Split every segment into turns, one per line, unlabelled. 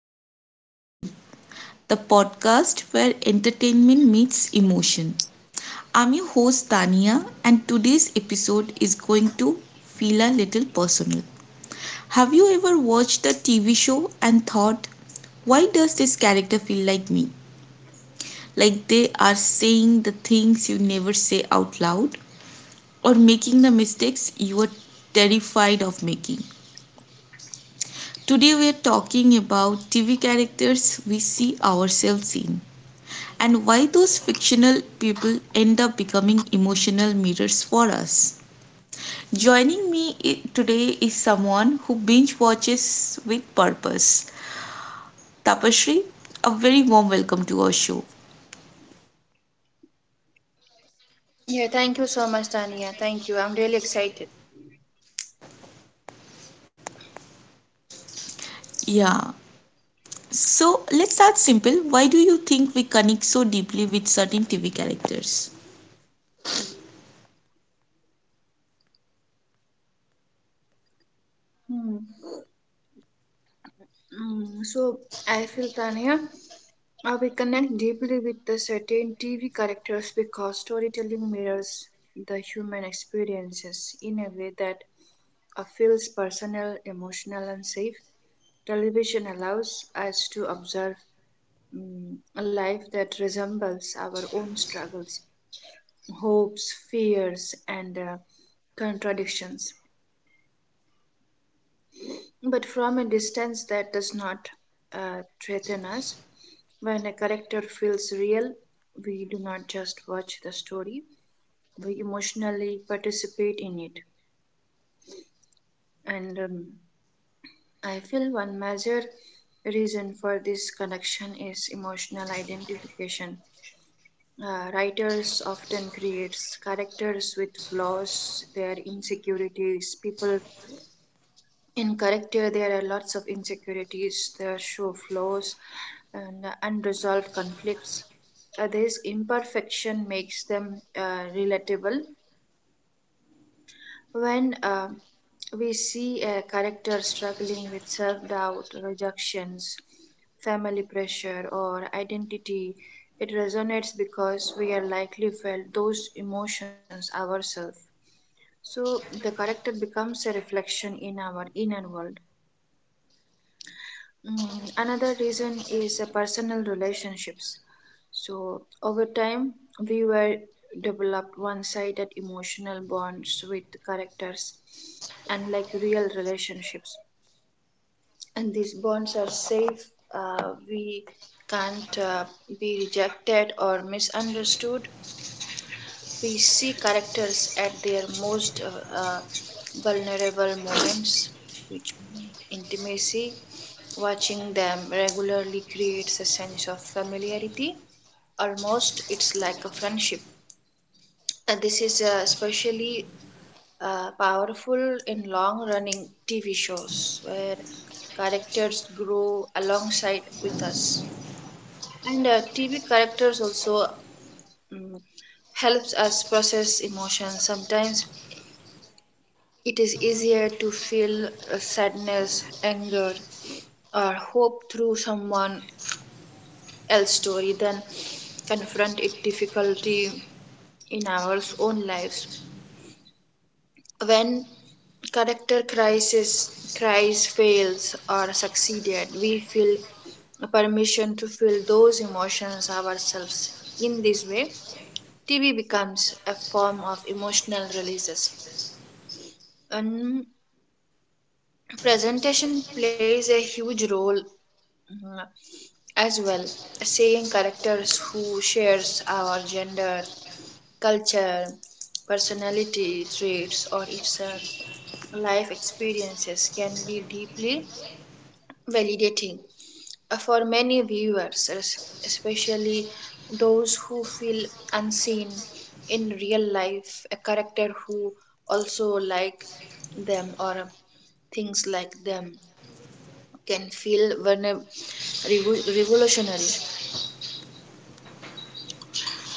Screen and Soul, the podcast where entertainment meets emotion. I'm your host, Tania, and today's episode is going to feel a little personal. Have you ever watched a TV show and thought, why does this character feel like me? Like they are saying the things you never say out loud or making the mistakes you are terrified of making. Today we are talking about TV characters we see ourselves in and why those fictional people end up becoming emotional mirrors for us. Joining me today is someone who binge watches with purpose. Tapashri, a very warm welcome to our show.
Yeah, thank you so much, Tania. Thank you. I'm really excited.
Yeah. So let's start simple. Why do you think we connect so deeply with certain TV characters?
Hmm. So I feel Tania, we connect deeply with the certain TV characters because storytelling mirrors the human experiences in a way that feels personal, emotional, and safe. Television allows us to observe mm, a life that resembles our own struggles, hopes, fears, and contradictions. But from a distance that does not threaten us. When a character feels real, we do not just watch the story, we emotionally participate in it. And I feel one major reason for this connection is emotional identification. Writers often create characters with flaws, their insecurities, people in character there are lots of insecurities that show flaws and unresolved conflicts, this imperfection makes them relatable when, we see a character struggling with self-doubt rejections family pressure or identity, it resonates because we are likely felt those emotions ourselves, so the character becomes a reflection in our inner world. Another reason is personal relationships. So, over time, we were developed one sided emotional bonds with characters, unlike real relationships. And these bonds are safe, we can't, be rejected or misunderstood. We see characters at their most vulnerable moments, which intimacy. Watching them regularly creates a sense of familiarity. Almost, it's like a friendship. And this is especially powerful in long running TV shows where characters grow alongside with us. And TV characters also mm, helps us process emotions. Sometimes it is easier to feel sadness, anger, or hope through someone else's story than confront it difficulty in our own lives. When character crisis cries fails or succeeded, we feel a permission to feel those emotions ourselves. In this way, TV becomes a form of emotional releases. And presentation plays a huge role, mm, as well. Seeing characters who shares gender, culture, personality traits, or its life experiences can be deeply validating for many viewers, especially those who feel unseen in real life. A character who also like them or things like them can feel revolutionary.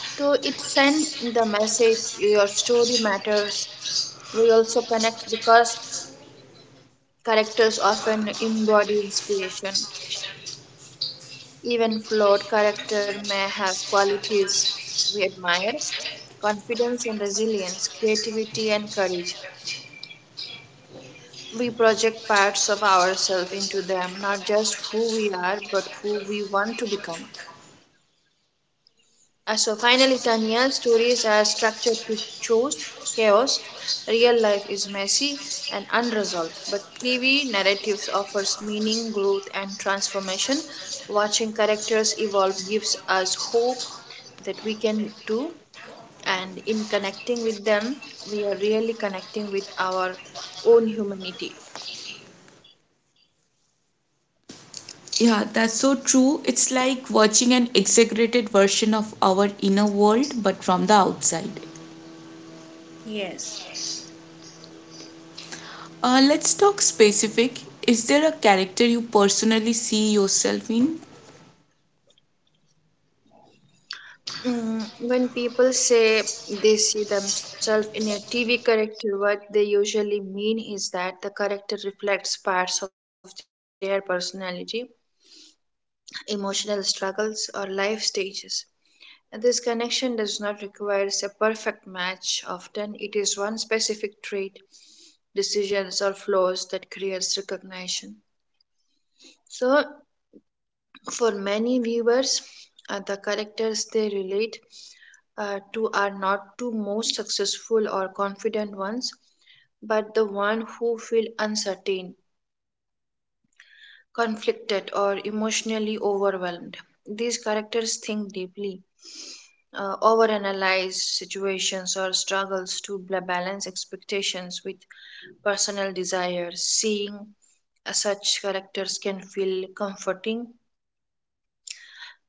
So it sends the message your story matters. We also connect because characters often embody inspiration. Even flawed character may have qualities we admire confidence and resilience, creativity and courage. We project parts of ourselves into them, not just who we are, but who we want to become. So finally, Tanya, stories are structured to choose chaos. Real life is messy and unresolved, but TV narratives offers meaning, growth, and transformation. Watching characters evolve gives us hope that we can do, and in connecting with them, we are really connecting with our own humanity.
Yeah, that's so true. It's like watching an exaggerated version of our inner world but from the outside.
Yes.
Let's talk specific. Is there a character you personally see yourself in?
When people say they see themselves in a TV character, what they usually mean is that the character reflects parts of their personality, emotional struggles, or life stages. And this connection does not require a perfect match. Often, is one specific trait, decisions, or flaws that creates recognition. So, for many viewers, the characters they relate to are not the most successful or confident ones, but the one who feel uncertain, conflicted, or emotionally overwhelmed. These characters think deeply, overanalyze situations or struggles to balance expectations with personal desires. Seeing such characters can feel comforting.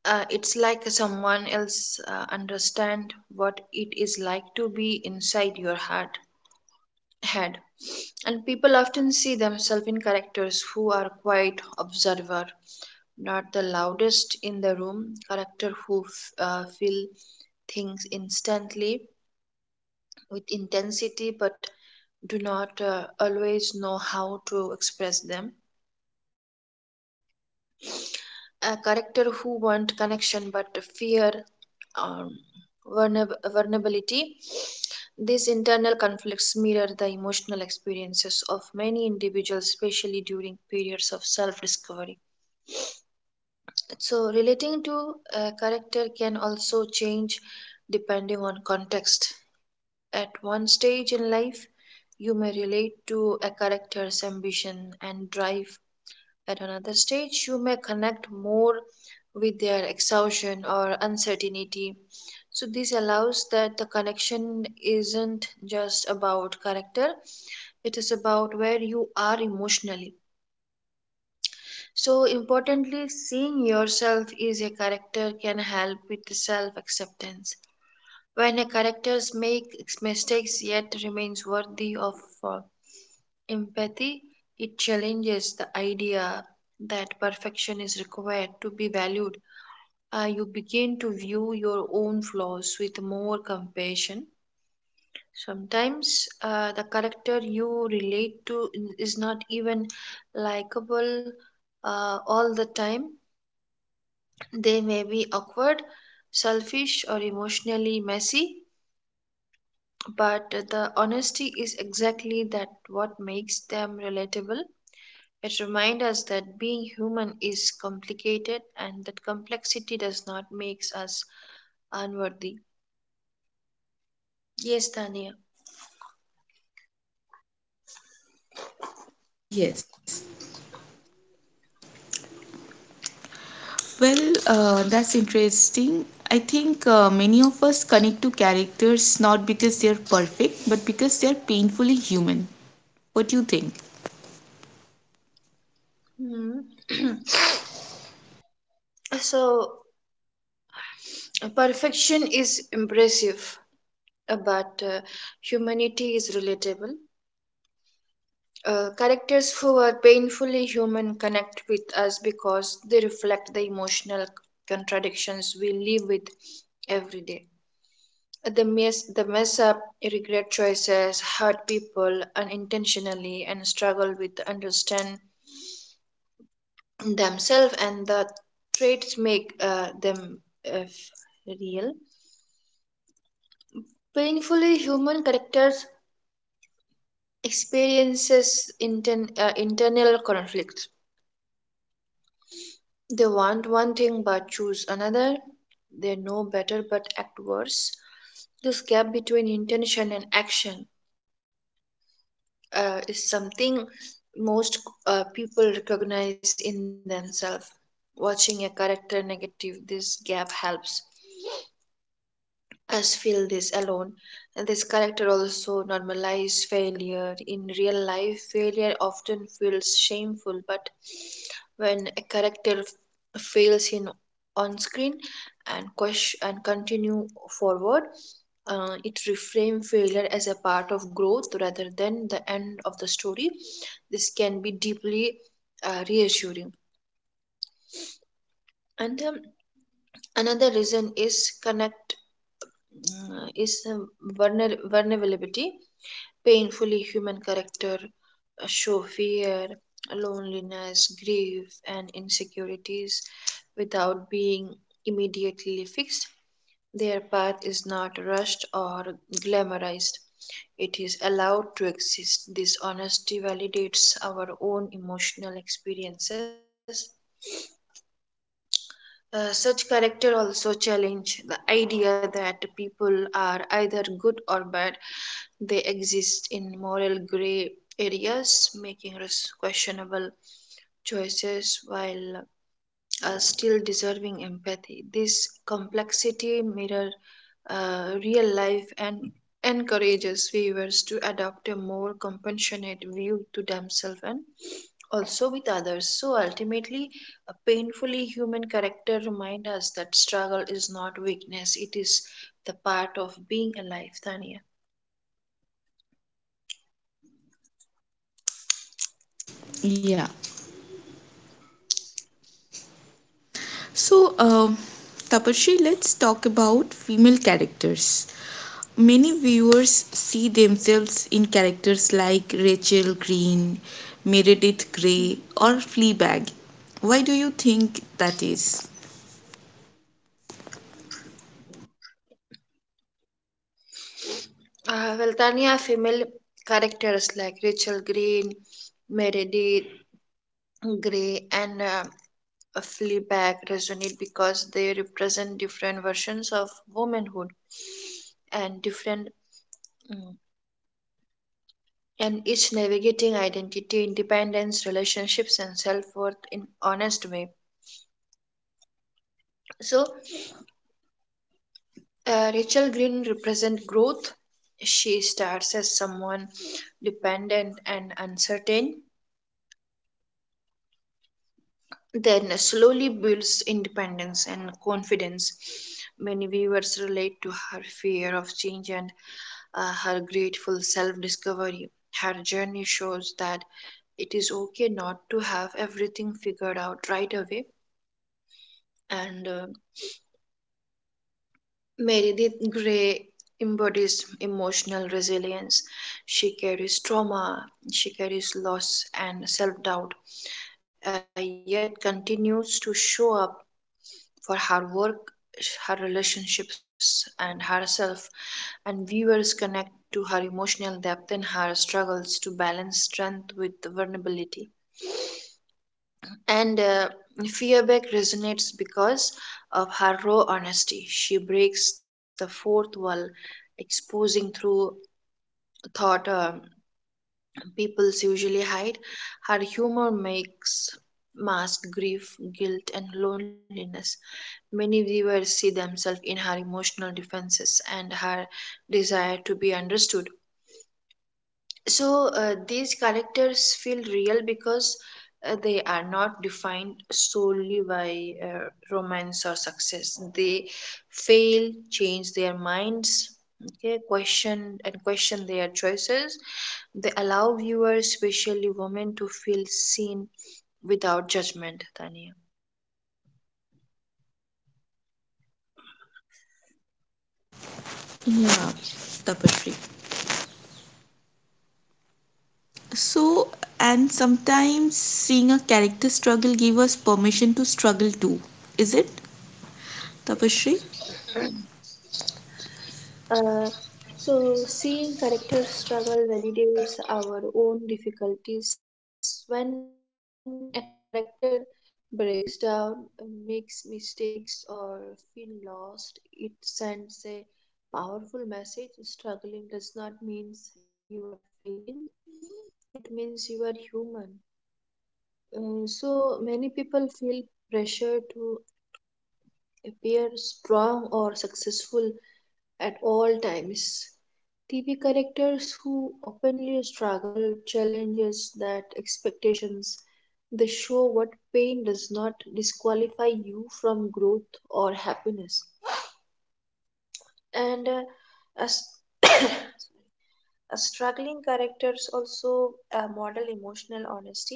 It's like someone else understand what it is like to be inside your heart head, and people often see themselves in characters who are quite observer, not the loudest in the room character who feel things instantly with intensity but do not always know how to express them, a character who want connection but fear um, vulnerability. These internal conflicts mirror the emotional experiences of many individuals, especially during periods of self discovery. So, relating to a character can also change depending on context. At one stage in life, you may relate to a character's ambition and drive, at another stage, you may connect more with their exhaustion or uncertainty. So, this allows that the connection isn't just about character, it is about where you are emotionally. So, importantly, seeing yourself as a character can help with self acceptance. When a character makes mistakes yet remains worthy of uh, empathy, it challenges the idea that perfection is required to be valued. You begin to view your own flaws with more compassion. Sometimes the character you relate to is not even likable all the time. They may be awkward, selfish, or emotionally messy. But the honesty is exactly that what makes them relatable. It reminds us that being human is complicated and that complexity does not make us unworthy. Yes, Tania.
Yes. Well, that's interesting. I think many of us connect to characters not because they're perfect but because they're painfully human. What do you think?
Hmm. So, perfection is impressive, but humanity is relatable. Characters who are painfully human connect with us because they reflect the emotional contradictions we live with every day. The mess up, regret choices, hurt people unintentionally, and struggle with understand themselves and the traits make them uh, real. Painfully human characters experiences internal conflicts. They want one thing but choose another. They know better but act worse. This gap between intention and action is something most people recognize in themselves. Watching a character negative this gap helps us feel this alone. And this character also normalize failure. In real life, failure often feels shameful, but when a character fails in on screen and continue forward, it reframe failure as a part of growth rather than the end of the story. This can be deeply reassuring. And another reason is connect, uh, is um, vulnerability. Painfully, human character show fear, loneliness, grief, and insecurities without being immediately fixed. Their path is not rushed or glamorized. It is allowed to exist. This honesty validates our own emotional experiences. Such character also challenge the idea that people are either good or bad. They exist in moral gray areas, making us questionable choices while still deserving empathy. This complexity mirror real life and encourages viewers to adopt a more compassionate view to themselves and also with others. So ultimately, a painfully human character reminds us that struggle is not weakness; it is the part of being alive. Tania,
Yeah. So, Tapashri, let's talk about female characters. Many viewers see themselves in characters like Rachel Green, Meredith Grey, or Fleabag. Why do you think that is?
well, Tania, female characters like Rachel Green, Meredith Grey, and Fleabag resonate because they represent different versions of womanhood and different, mm, and each navigating identity, independence, relationships, and self-worth in honest way. So Rachel Green represents growth. She starts as someone dependent and uncertain, then slowly builds independence and confidence. Many viewers relate to her fear of change and her grateful self discovery. Her journey shows that it is okay not to have everything figured out right away, and Meredith Grey embodies emotional resilience. She carries trauma, she carries loss and self doubt, yet continues to show up for her work, her relationships, and herself, and viewers connect to her emotional depth and her struggles to balance strength with vulnerability. And Fearback resonates because of her raw honesty. She breaks the fourth wall, exposing through thought peoples usually hide. Her humor makes mask grief, guilt, and loneliness. Many viewers see themselves in her emotional defenses and her desire to be understood. So these characters feel real because they are not defined solely by romance or success. They fail, change their minds, okay, question and question their choices. They allow viewers, especially women, to feel seen without judgment. Tanya.
Yeah, Tapashri. So, and sometimes seeing a character struggle give us permission to struggle too. Is it, Tapashri?
Uh, so, seeing characters struggle validates our own difficulties. When a character breaks down, makes mistakes, or feel lost, it sends a powerful message. Struggling does not mean you are failing, it means you are human. So, many people feel pressure to appear strong or successful at all times. TV characters who openly struggle challenges that expectations. They show what pain does not disqualify you growth or happiness. And as a struggling characters also model emotional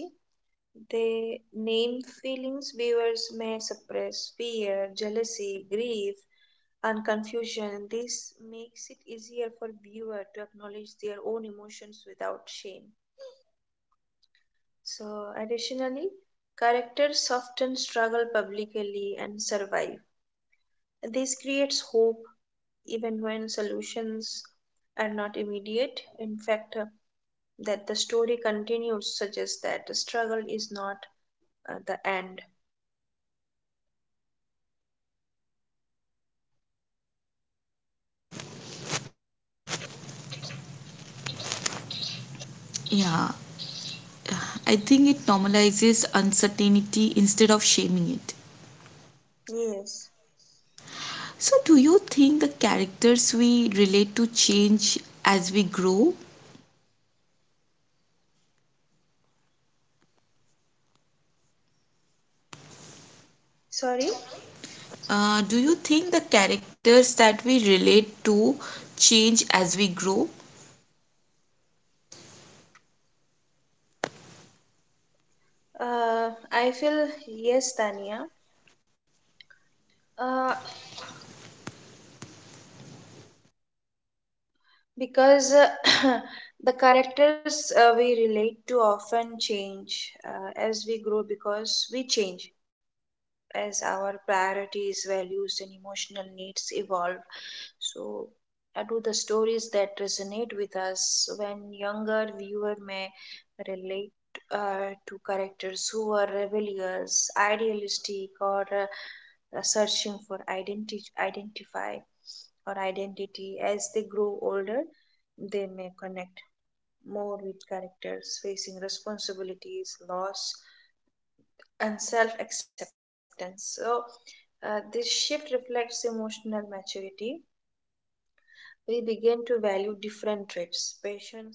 they name feelings viewers may suppress fear, jealousy, grief, and confusion. This makes it easier for viewer to acknowledge own emotions without shame. So, additionally, characters often struggle publicly and survive. This creates hope even when solutions are not immediate. In fact, that the story continues suggests that the struggle is not the end.
Yeah, I think it normalizes uncertainty instead of shaming it.
Yes.
So, do you think the characters we relate to change as we grow?
Sorry,
Do you think the characters that we relate to change as we grow?
I feel yes, Tania, uh, because the characters we relate to often change as we grow because we change, as our priorities, values, and emotional needs evolve. So, do the stories that resonate with us when younger viewer may relate to characters who were rebellious, idealistic, or searching for identity, identify or identity. As they grow older, they may connect more with characters facing responsibilities, loss, and self acceptance. So, this shift reflects emotional maturity. We begin to value different traits patience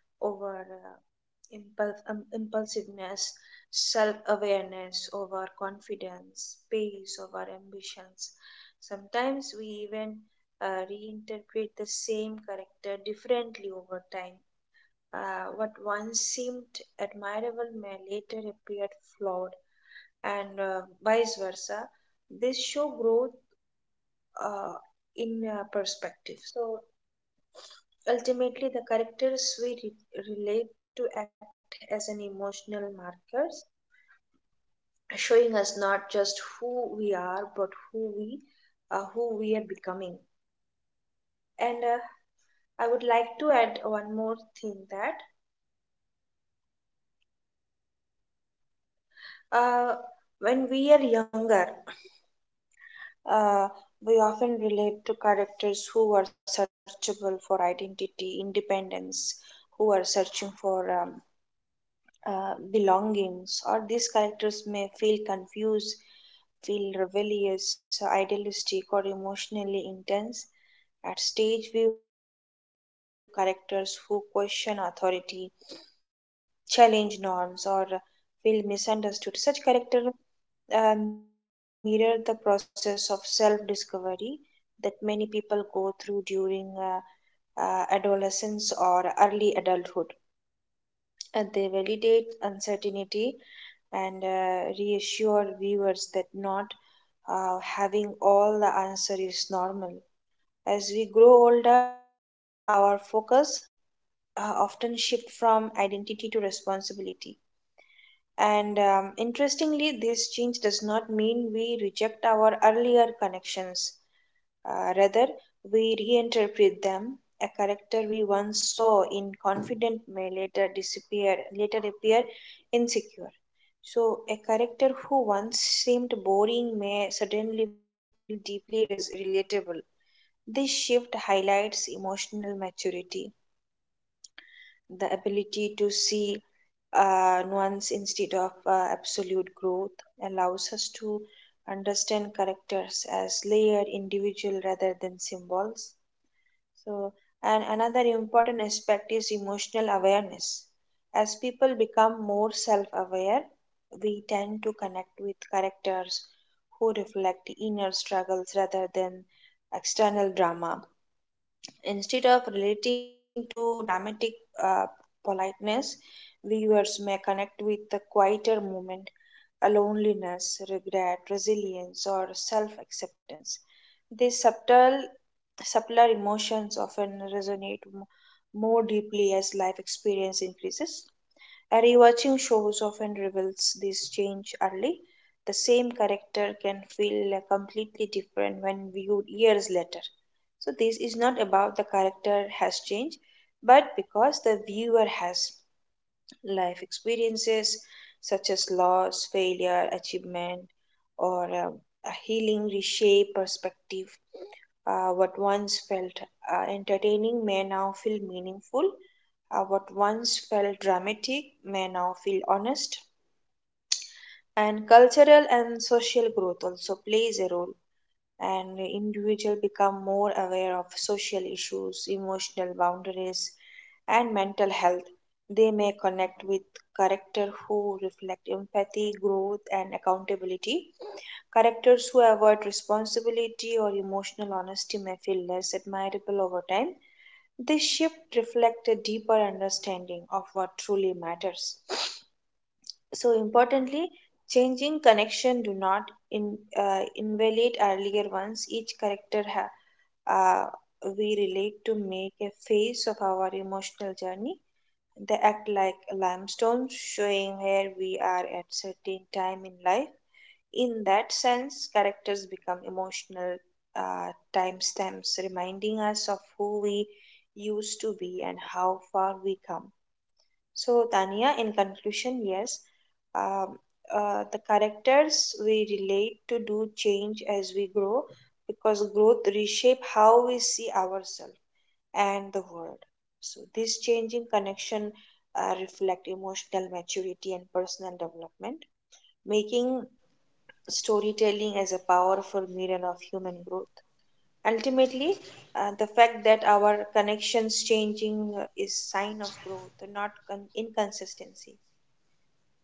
over impulsiveness, self awareness over confidence, pace over ambitions. Sometimes we even reinterpret the same character differently over time. Uh, what once seemed admirable may later appear flawed, and vice versa. This show growth uh, in perspective. So ultimately, the characters relate to act as an emotional markers, showing us not just who we are, but who we are becoming. And I would like to add one more thing that uh, when we are younger Uh, we often relate to characters who are searchable for identity, independence, who are searching for belongings, or these characters may feel confused, feel rebellious, idealistic, or emotionally intense. At stage, viewers are often drawn to characters who question authority, challenge norms, or feel misunderstood. Such characters mirror the process of self discovery that many people go through during adolescence or early adulthood. And they validate uncertainty and reassure viewers that not having all the answer is normal. As we grow older, our focus often shift from identity to responsibility and interestingly, this change does not mean we reject our earlier connections. Rather, we reinterpret them. A character we once saw in confident may later disappear, later appear insecure. So, a character who once seemed boring may suddenly feel deeply relatable. This shift highlights emotional maturity, the ability to see nuance instead of absolute growth allows us to understand characters as layered individual rather than symbols. so and another important aspect is emotional awareness. As people become more self-aware, we tend to connect with characters who reflect inner struggles rather than external drama. Instead of relating to dramatic uh, politeness, viewers may connect with the quieter moment, a loneliness, regret, resilience, or self acceptance. These subtle, Subtler emotions often resonate deeply as life experience increases. A rewatching shows often reveals this change early. The same character can feel completely different when viewed years later. So, this is not about the character has changed, but because the viewer has life experiences such as loss, failure, achievement, or a healing reshape perspective. What once felt entertaining may now feel meaningful. What once felt dramatic may now feel honest. And cultural and social growth also plays a role. And individual become more aware of social issues, emotional boundaries, and mental health. They may connect with character who reflect empathy, growth, and accountability. Characters who avoid responsibility or emotional honesty may feel less admirable over time. This shift reflects a deeper understanding of what truly matters. So importantly, changing connection do not invalidate earlier ones. Each character we relate to make a phase of our emotional journey. They act like limestones, showing where we are at certain time in life. In that sense, characters become emotional timestamps, reminding us of who we used to be and how far we come. So, Tania, in conclusion, yes, um, the characters we relate to do change as we grow because growth reshape how we see ourselves and the world. So, this changing connection reflect emotional maturity and personal development, making storytelling as a powerful mirror of human growth. Ultimately, the fact that our connections changing is sign of growth, not inconsistency.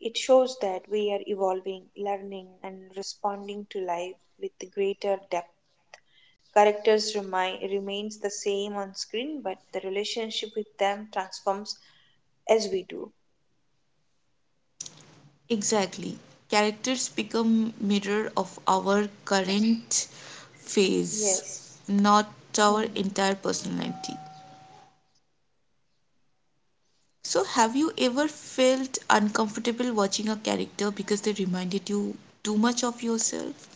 It shows that we are evolving, learning, and responding to life with greater depth. Characters remains the same on screen, but the relationship with them transforms as we do.
Exactly. Characters become mirror of our current phase,
Yes.
not our entire
Mhm.
personality. So, have you ever felt uncomfortable watching a character because they reminded you too much of yourself?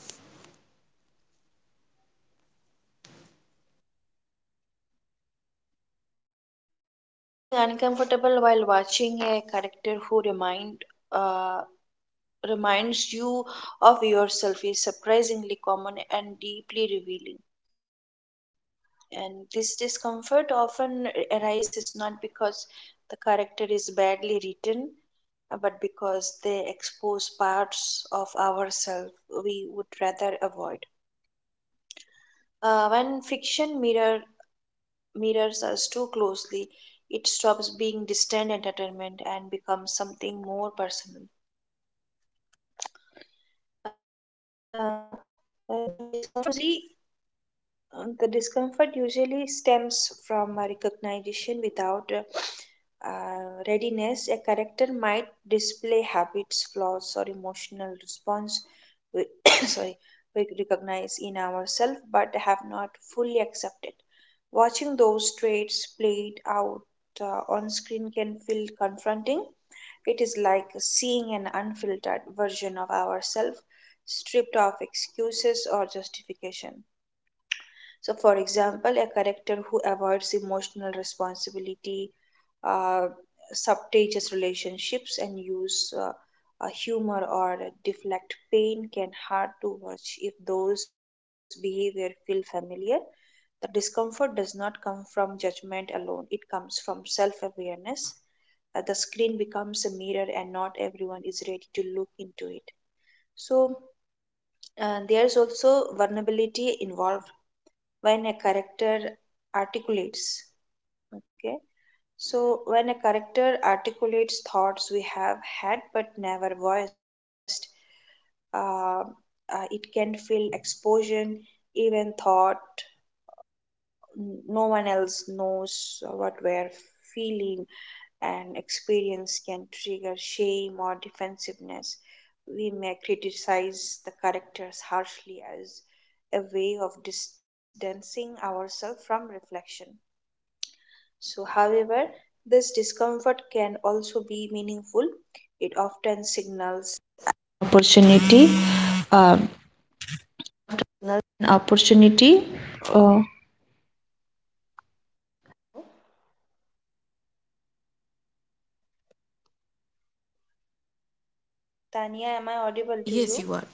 Yes, feeling uncomfortable while watching a character who uh, reminds you of yourself is surprisingly common and deeply revealing. And this discomfort often arises not because the character is badly written, but because they expose parts of ourselves we would rather avoid. Uh, when fiction mirrors us too closely, it stops being distant entertainment and becomes something more personal. Uh, the discomfort usually The discomfort usually stems from a recognition without readiness. A character might display habits, flaws, or emotional response we sorry we recognize in ourselves but have not fully accepted. Watching those traits played out on screen can feel confronting. It is like seeing an unfiltered version of ourselves, stripped of or justification. So, for example, a character who avoids emotional responsibility, uh, substages relationships, and use humor or deflect pain can hurt too much if those behavior feel familiar. The discomfort does not come from judgment alone; it comes from self-awareness. Screen becomes a mirror, and not everyone is ready to look into it. So there's also vulnerability involved when a articulates. So, when a character articulates thoughts we have had but never voiced, uh, it can feel exposure, even thought no one else knows what we're feeling, and experience can trigger shame or defensiveness. We may criticize the characters harshly as a way of distancing ourselves from reflection. So, however, this discomfort can also be meaningful. It often, Tania, am I audible to you?
Yes, you are.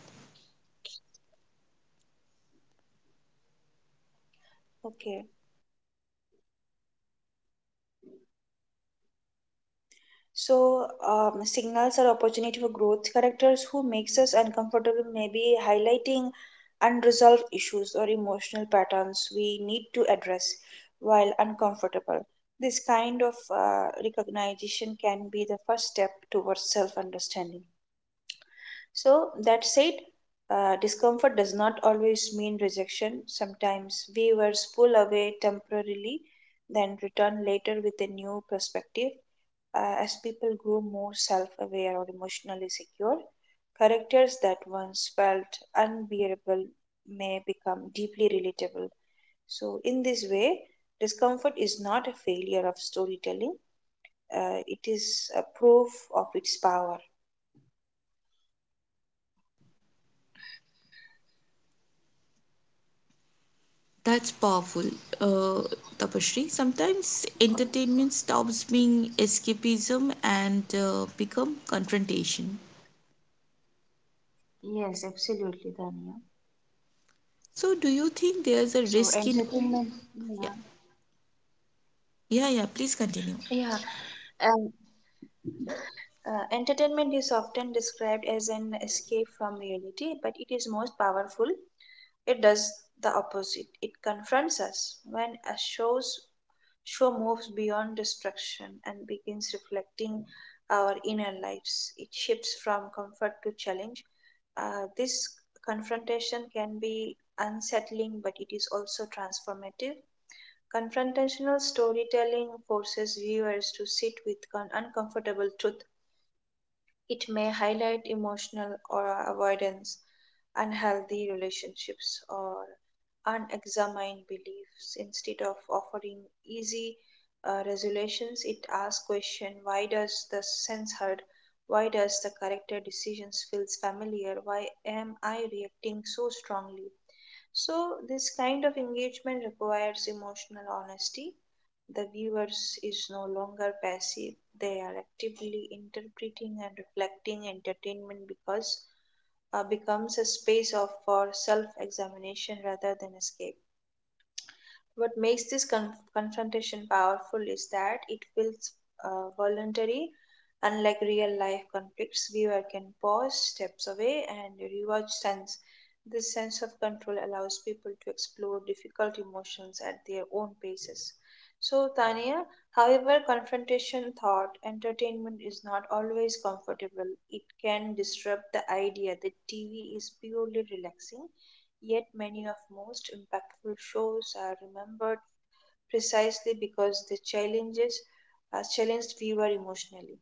Okay. So, signals are opportunity for growth. Characters who makes us uncomfortable may be highlighting unresolved issues or emotional patterns we need to address while uncomfortable. This kind of recognition can be the first step towards self-understanding. So, that said, discomfort does not always mean rejection. Sometimes viewers pull away temporarily, then return later with a new perspective. As people grow more self aware secure, characters that once felt unbearable may become deeply relatable. So, in this way, discomfort is not a failure of storytelling, it is a proof of its power.
That's powerful, uh, Tapashri. Sometimes entertainment stops being escapism and become confrontation.
Yes, absolutely, Dania.
So, do you
So
think there's a
entertainment,
risk in?
yeah,
Yeah,
yeah.
yeah, yeah. Please
Um,
continue.
Entertainment is often described as an escape from reality, but it is most powerful. It does the opposite. It confronts us when a show moves beyond distraction and begins reflecting our inner lives. It shifts from comfort to challenge. This confrontation can be unsettling, but it is also transformative. Confrontational storytelling forces viewers to sit with an uncomfortable truth. It may highlight emotional or avoidance, unhealthy relationships, or unexamined beliefs. Instead of offering easy resolutions, it asks question: Why does the sense hurt? Why does the character decisions feels familiar? Why am I reacting so strongly? So, this kind of engagement requires emotional honesty, the viewers is no longer passive, they are actively interpreting and reflecting entertainment because becomes a space of for self-examination rather than escape. What makes confrontation powerful is that it feels voluntary, unlike real life conflicts. Viewer can pause, steps away, and rewatch sense. This sense of control allows people to explore difficult emotions at their own paces. So, Tania, however, confrontation thought entertainment is not always comfortable. It can disrupt the idea that TV is purely relaxing. Yet many of most impactful shows are remembered precisely because they challenges challenged viewer emotionally.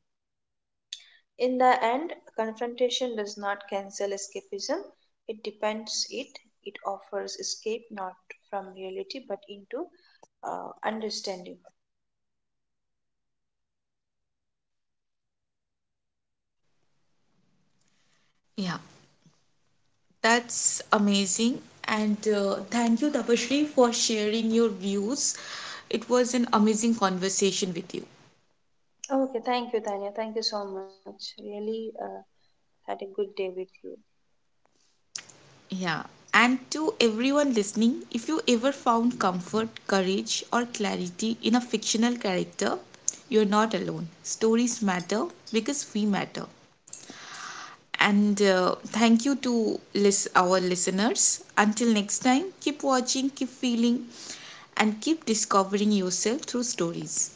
In the end, confrontation does not cancel escapism. It depends it. It offers escape not from reality but into understanding.
Yeah, that's amazing. And thank you, Tapashri, for sharing your views. It was an amazing conversation with you.
Okay, thank you, Tanya. Thank you so much. Really had a good day with you.
Yeah. And to everyone listening, if you ever found comfort, courage, or clarity in a fictional character, you're not alone. Stories matter because we matter. And thank you to our listeners. Until next time, keep watching, keep feeling, and keep discovering yourself through stories.